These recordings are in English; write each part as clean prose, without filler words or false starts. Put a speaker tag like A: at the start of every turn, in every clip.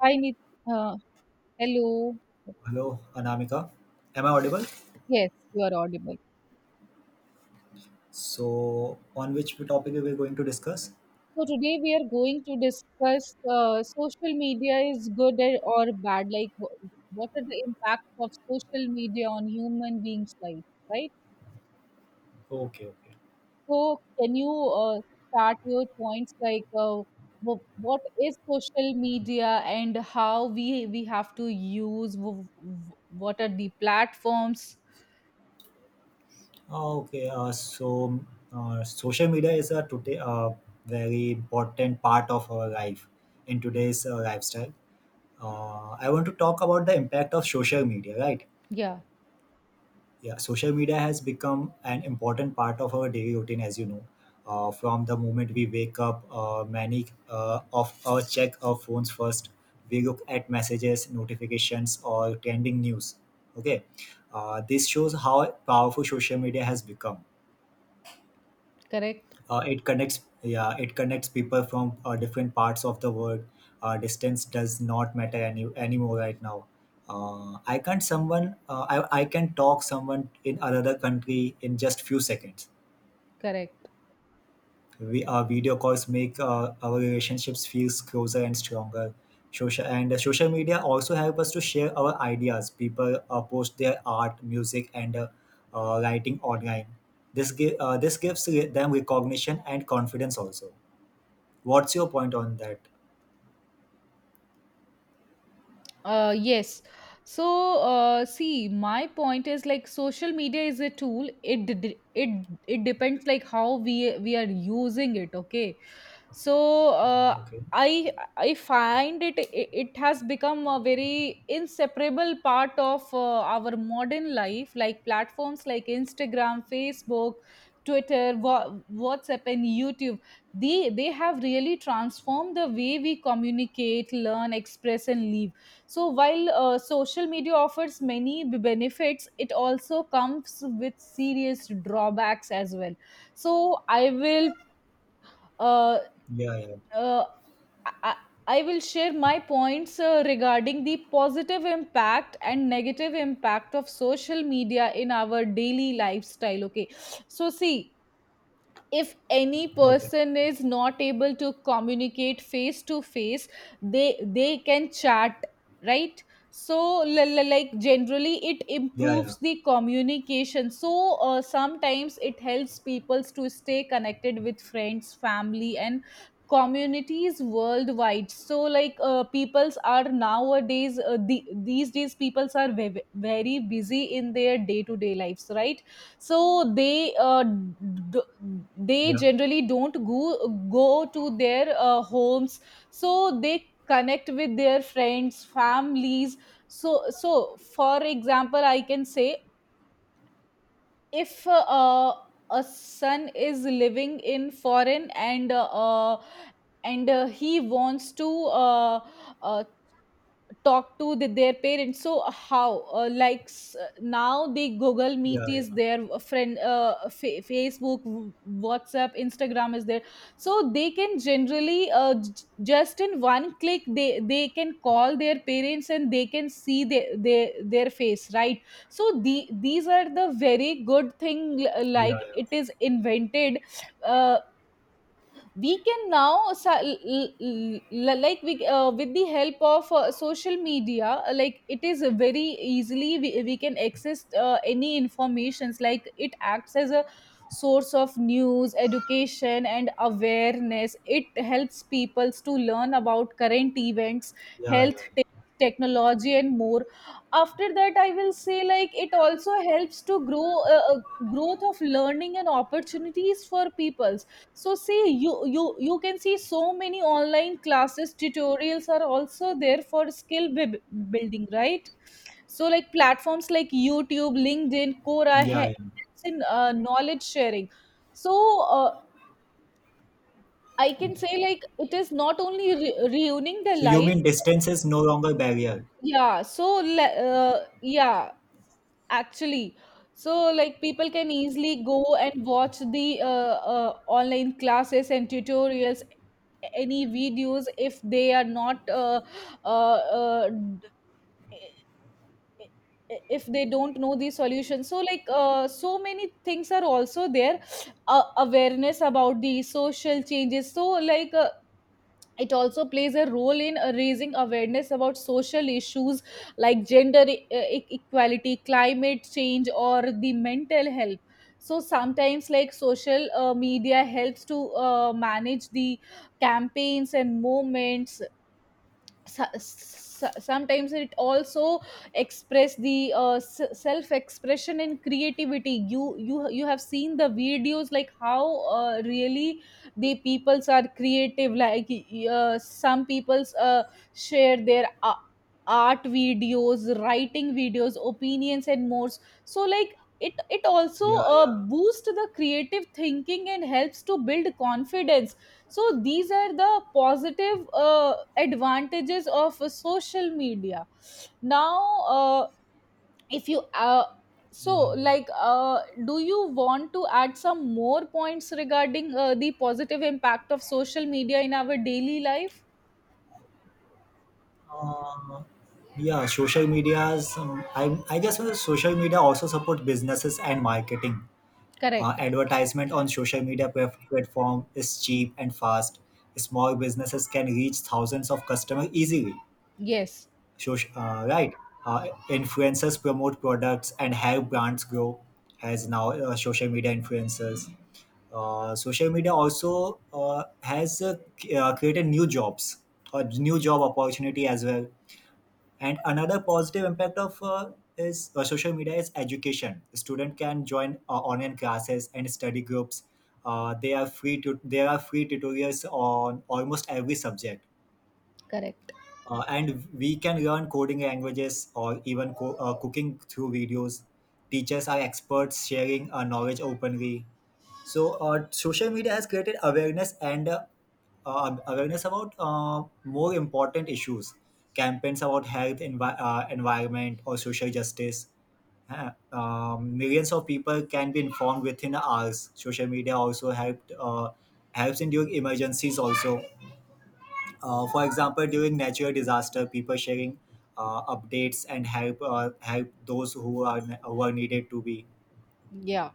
A: Hi, Nit- uh, Hello.
B: Hello, Anamika. Am I audible?
A: Yes, you are audible.
B: So, on which topic we are going to discuss?
A: So today we are going to discuss social media is or bad. Like, what are the impacts of social media on human beings' life, right?
B: Okay, okay.
A: So can you uh, start your points like what is social media and how we have to use? What are the platforms?
B: Okay, so social media is a today a very important part of our life in today's lifestyle. I want to talk about the impact of social media, right?
A: Yeah,
B: Yeah, social media has become an important part of our daily routine, as you know. From the moment we wake up, many of us check our phones first. We look at messages, notifications, or trending news. Okay, this shows how powerful social media has become.
A: correct,
B: It connects, yeah, it connects people from different parts of the world. Distance does not matter anymore right now. Uh, i can't someone uh, I, I can talk someone in another country in just few seconds.
A: correct.
B: We Our video calls make our relationships feels closer and stronger. Social media also help us to share our ideas. People post their art, music, and writing online. This gives them recognition and confidence also. What's your point on that?
A: Yes. So, see, my point is like social media is a tool. It d- d- it depends like how we are using it. Okay, so uh,
B: Okay.
A: I I find it has become a very inseparable part of our modern life. Like platforms like Instagram, Facebook, Twitter, WhatsApp, and YouTube, they have really transformed the way we communicate, learn, express and live. So while social media offers many benefits, it also comes with serious drawbacks as well. So I will uh,
B: Yeah, yeah.
A: uh, I, I will share my points regarding the positive impact and negative impact of social media in our daily lifestyle. Okay, so see, if any
B: Okay.
A: person is not able to communicate face to face, they they can chat, right? So like, generally it
B: Yeah, yeah.
A: improves the communication. So sometimes it helps people to stay connected with friends, family and communities worldwide. So like peoples are nowadays, these days peoples are very busy in their day to day lives, right? So they they
B: Yeah.
A: generally don't go to their homes, so they connect with their friends, families. So for example, I can say, if a son is living in foreign and he wants to uh, talk to their parents. So how, now the Google
B: Yeah,
A: Meet
B: yeah.
A: is there, Facebook, WhatsApp, Instagram is there. So they can generally just in one click they can call their parents and they can see their face, right? So these are the very good thing,
B: Yeah,
A: like
B: yeah.
A: it is invented. Uh, we can now sa- l- l- l- Like we, with the help of social media, like it is a very easily we can access any informations. Like it acts as a source of news, education and awareness. It helps peoples to learn about current events,
B: Yeah, yeah.
A: health te- technology and more. After that I will say like it also helps to grow, uh, uh, growth of learning and opportunities for peoples. So see, you can see so many online classes, tutorials are also there for building, right? So like platforms like YouTube, LinkedIn, Quora
B: Yeah, yeah.
A: helps in knowledge sharing. So uh, I can say like it is not only reuniting the
B: So you
A: life.
B: mean distance is no longer barrier?
A: Yeah, so yeah, actually, so like people can easily go and watch the online classes and tutorials, any videos. If they are not uh, uh, d- if they don't know the solution, so like so many things are also there. Awareness about the social changes, so like it also plays a role in raising awareness about social issues like gender equality, climate change or the mental health. So sometimes like social media helps to manage the campaigns and moments. Sometimes it also express the self expression and creativity. You have seen the videos, like how really the peoples are creative. Like some peoples share their art videos, writing videos, opinions and more. So like it also
B: Yeah, yeah.
A: boosts the creative thinking and helps to build confidence. So these are the positive advantages of social media. Now if you so
B: Yeah, yeah.
A: like do you want to add some more points regarding the positive impact of social media in our daily life?
B: Um, yeah, social medias. I guess social media also support businesses and marketing.
A: Correct.
B: Advertisement on social media platform is cheap and fast. Small businesses can reach thousands of customers easily.
A: Yes.
B: Social, right? Influencers promote products and have brands grow, as now social media influencers. Social media also has created new jobs or new job opportunity as well. And another positive impact of is social media is education. Student can join online classes and study groups. They are free to There are free tutorials on almost every subject,
A: Correct.
B: and we can learn coding languages or even cooking through videos. Teachers are experts sharing knowledge openly. Social media has created awareness, and awareness about more important issues, campaigns about health, environment, or social justice. Uh, Millions of people can be informed within hours. Social media also helped helps in during emergencies also. Uh, for example, during natural disaster, people sharing updates and help those who are needed to be.
A: Yeah,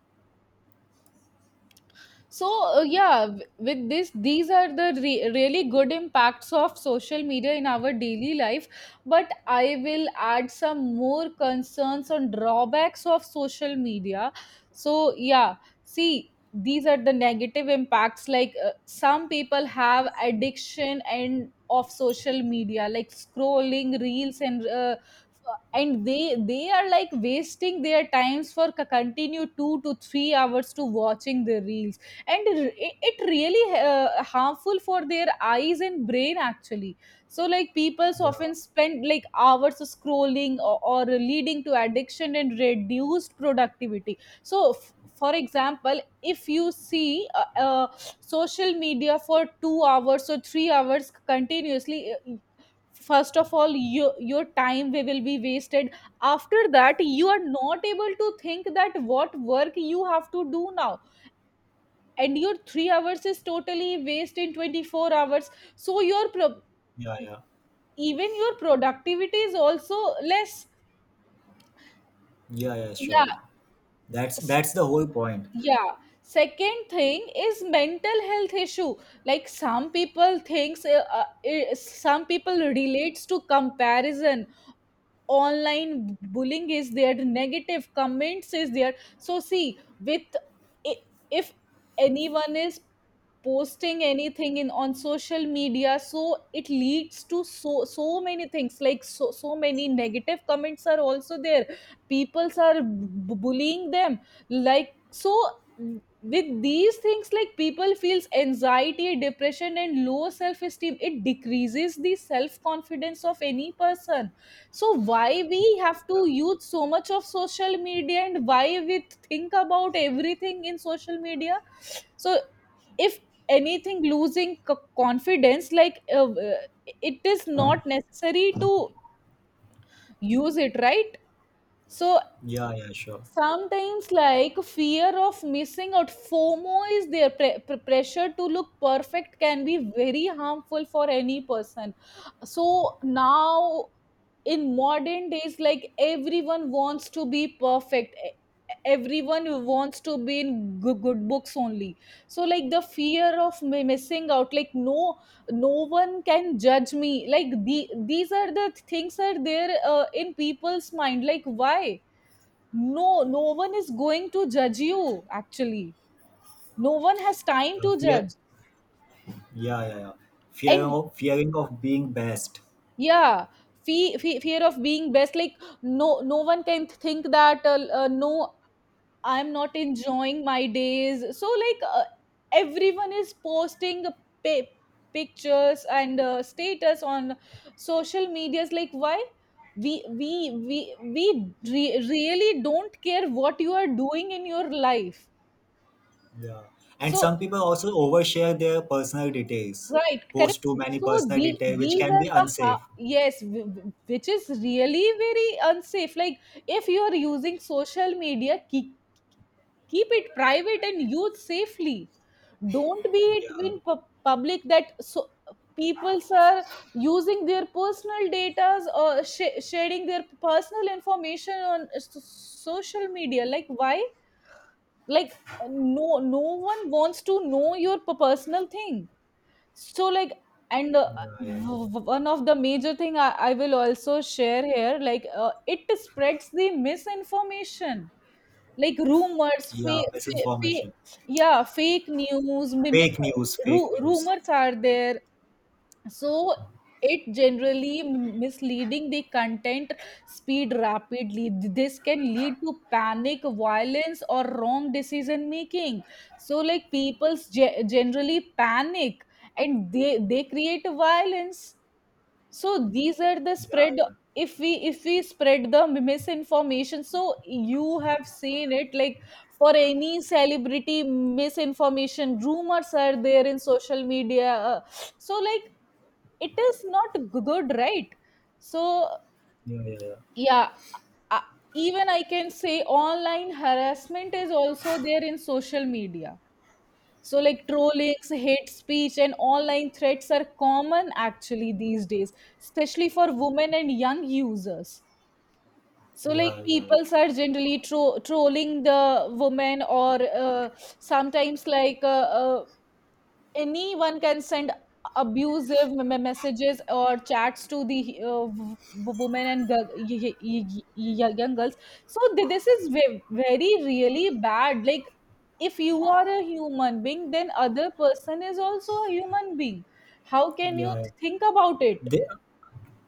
A: so yeah, with this, these are the really good impacts of social media in our daily life, but I will add some more concerns on drawbacks of social media. So yeah, see, these are the negative impacts. Like some people have addiction and of social media, like scrolling reels and they are like wasting their times for continue 2 to 3 hours to watching the reels, and it really harmful for their eyes and brain actually. So like people
B: Yeah,
A: often spend like hours scrolling or leading to addiction and reduced productivity. So for example, if you see social media for 2 hours or 3 hours continuously, first of all your time will be wasted. After that you are not able to think that what work you have to do now, and your 3 hours is totally waste in 24 hours. So
B: yeah, yeah,
A: even your productivity is also less.
B: yeah, yeah.
A: Yeah.
B: Sure, that's
A: s-
B: that's the whole point.
A: yeah, second thing is mental health issue. Like some people thinks, some people relates to comparison. Online bullying is there, negative comments is there. So see, with i- if anyone is posting anything in on social media, so it leads to so so many things, like so so many negative comments are also there, peoples are bullying them. Like so with these things, like people feels anxiety, depression and low self esteem. It decreases the self confidence of any person. So why we have to use so much of social media and why we think about everything in social media? So if anything losing confidence, like it is not necessary to use it, right? So
B: Yeah, yeah, sure.
A: sometimes like fear of missing out, FOMO is there, pressure to look perfect can be very harmful for any person. So now in modern days, like everyone wants to be perfect. Everyone wants to be in good books only. So like the fear of missing out, like no, no one can judge me, like these are the things are there in people's mind, like why? No, no one is going to judge you, actually. No one has time
B: Yeah,
A: to
B: fear.
A: judge.
B: Yeah, yeah, yeah. Fear
A: And
B: of fearing of being best.
A: yeah, fe fe fear of being best. Like, no, no one can think that, no, I'm not enjoying my days. So, like, everyone is posting pi- pictures and status on social medias. Like, why? We really don't care what you are doing in your life,
B: Yeah, and some
A: so
B: people also overshare their personal details,
A: right, correct.
B: post too many
A: So
B: personal details, which
A: these
B: can
A: are
B: be
A: the
B: unsafe.
A: yes, which is really very unsafe. Like if you are using social media, keep it private and use safely. Don't be it
B: Yeah,
A: in public, that so people are using their personal data or sharing their personal information on social media. Like why? Like no, no one wants to know your personal thing. So like, and
B: yeah, yeah.
A: one of the major thing, I will also share here, like it spreads the misinformation, like rumors,
B: Yeah,
A: fake,
B: misinformation.
A: yeah, fake news,
B: Fake news, fake news.
A: rumors are there. So it generally misleading the content speed rapidly. This can lead to panic, violence or wrong decision making. So like people's generally panic and they create violence. So these are the
B: Yeah,
A: spread,
B: yeah.
A: if we spread the misinformation. So you have seen it, like for any celebrity misinformation rumors are there in social media. So like it is not good, right? So
B: Yeah, yeah, yeah,
A: yeah, uh, even I can say online harassment is also there in social media. So like trollings, hate speech and online threats are common actually these days, especially for women and young users. So like
B: yeah, yeah, yeah.
A: people are generally trolling the woman or uh, sometimes, like anyone can send abusive messages or chats to the women and girl, young girls. So this is very really bad. Like if you are a human being, then other person is also a human being. How can you
B: Yeah. Yeah.
A: think about it?
B: They,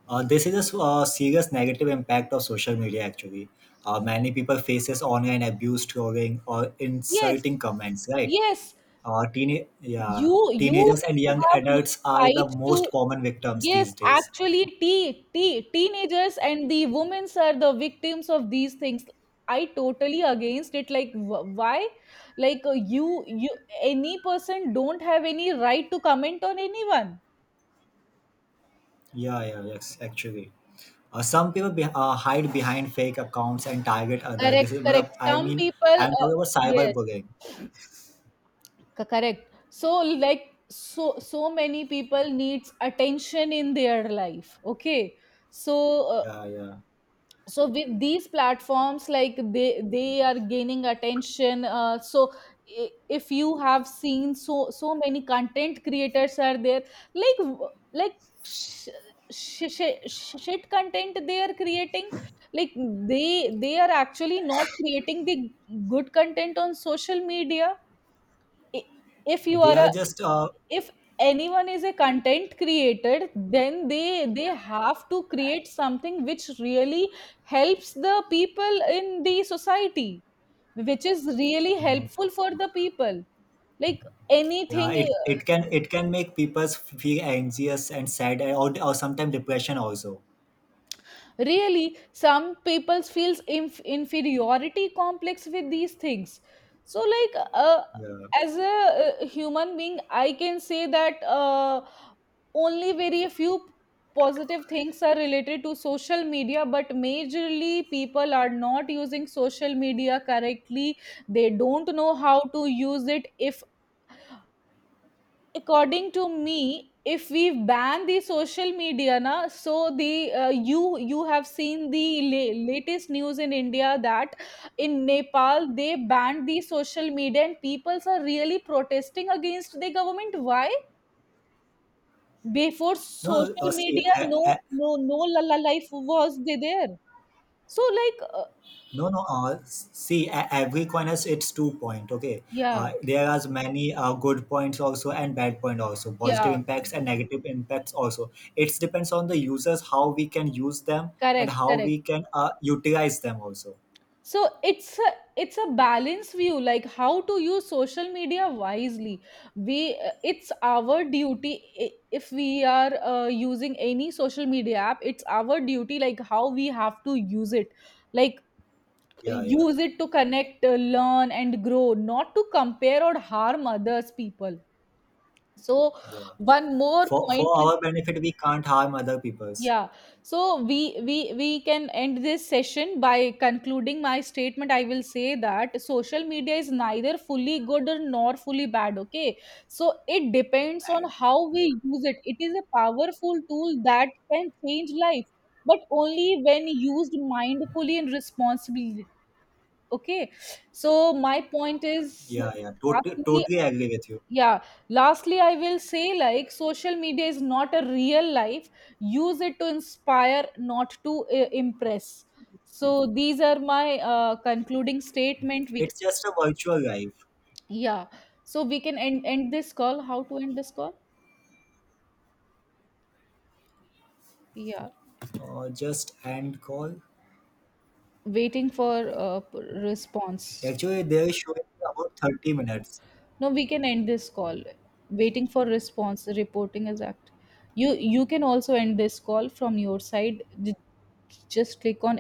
B: this is a serious negative impact of social media. Actually, many people faces online abuse, trolling, or
A: Yes,
B: insulting comments. Right?
A: yes.
B: Uh, teen, yeah,
A: You
B: teenagers and young
A: have no
B: adults are
A: right
B: the
A: to.
B: most common victims
A: Yes,
B: these days.
A: actually, te te teenagers and the women's are the victims of these things. I totally against it. Like, why? Like, you, any person don't have any right to comment on anyone.
B: Yeah, yeah, yes, actually. Some people hide behind fake accounts and target other. This
A: Correct,
B: is what
A: correct.
B: I
A: Some
B: mean.
A: people,
B: I'm talking about
A: yes,
B: cyberbullying.
A: correct. So, like, so so many people needs attention in their life. Okay, so
B: Yeah, yeah.
A: with these platforms, like they are gaining attention. I- if you have seen, so so many content creators are there, like sh- shit content they are creating. Like they are actually not creating the good content on social media. I- if you
B: They
A: are
B: are just
A: if anyone is a content creator, then they have to create something which really helps the people in the society, which is really helpful for
B: uh,
A: the people. Like
B: yeah,
A: anything,
B: it can, it can make people feel anxious and sad, and or sometimes depression also.
A: really some people feels inferiority complex with these things. So like
B: Yeah.
A: as a human being I can say that only very few positive things are related to social media, but majorly people are not using social media correctly. They don't know how to use it. If according to me, if we ban the social media na, so the, you you have seen the latest news in India, that in Nepal they banned the social media and peoples are really protesting against the government. Why? Before
B: No,
A: social
B: see,
A: media,
B: I,
A: no la la life was they there. So like
B: no, no. See, a- Every coin has its two point. Okay,
A: yeah,
B: there are many good points also and bad point also, positive
A: yeah,
B: impacts and negative impacts also. It depends on the users how we can use them and
A: correct,
B: how
A: correct.
B: we can utilize them also.
A: So it's a, it's a balance view, like how to use social media wisely. We, it's our duty, if we are using any social media app, it's our duty, like how we have to use it. Like
B: Yeah, yeah,
A: use it to connect, learn and grow, not to compare or harm others people. So
B: yeah.
A: one more
B: For
A: point.
B: our benefit, we can't harm other people's
A: Yeah. So we can end this session by concluding my statement. I will say that social media is neither fully good or nor fully bad. Okay. So it depends on
B: bad.
A: how we
B: Right?
A: use it. It is a powerful tool that can change life, but only when used mindfully and responsibly. Okay. So my point is
B: Yeah, yeah, totally,
A: lastly,
B: totally agree with you.
A: yeah, lastly I will say like social media is not a real life. Use it to inspire, not to impress. So these are my concluding statement. We can,
B: It's just a virtual life,
A: yeah, so we can end this call. How to end this call? Yeah,
B: just end call.
A: waiting for response.
B: Actually, they're showing about 30 minutes.
A: No, we can end this call. Waiting for response, reporting is act. You can also end this call from your side. Just click on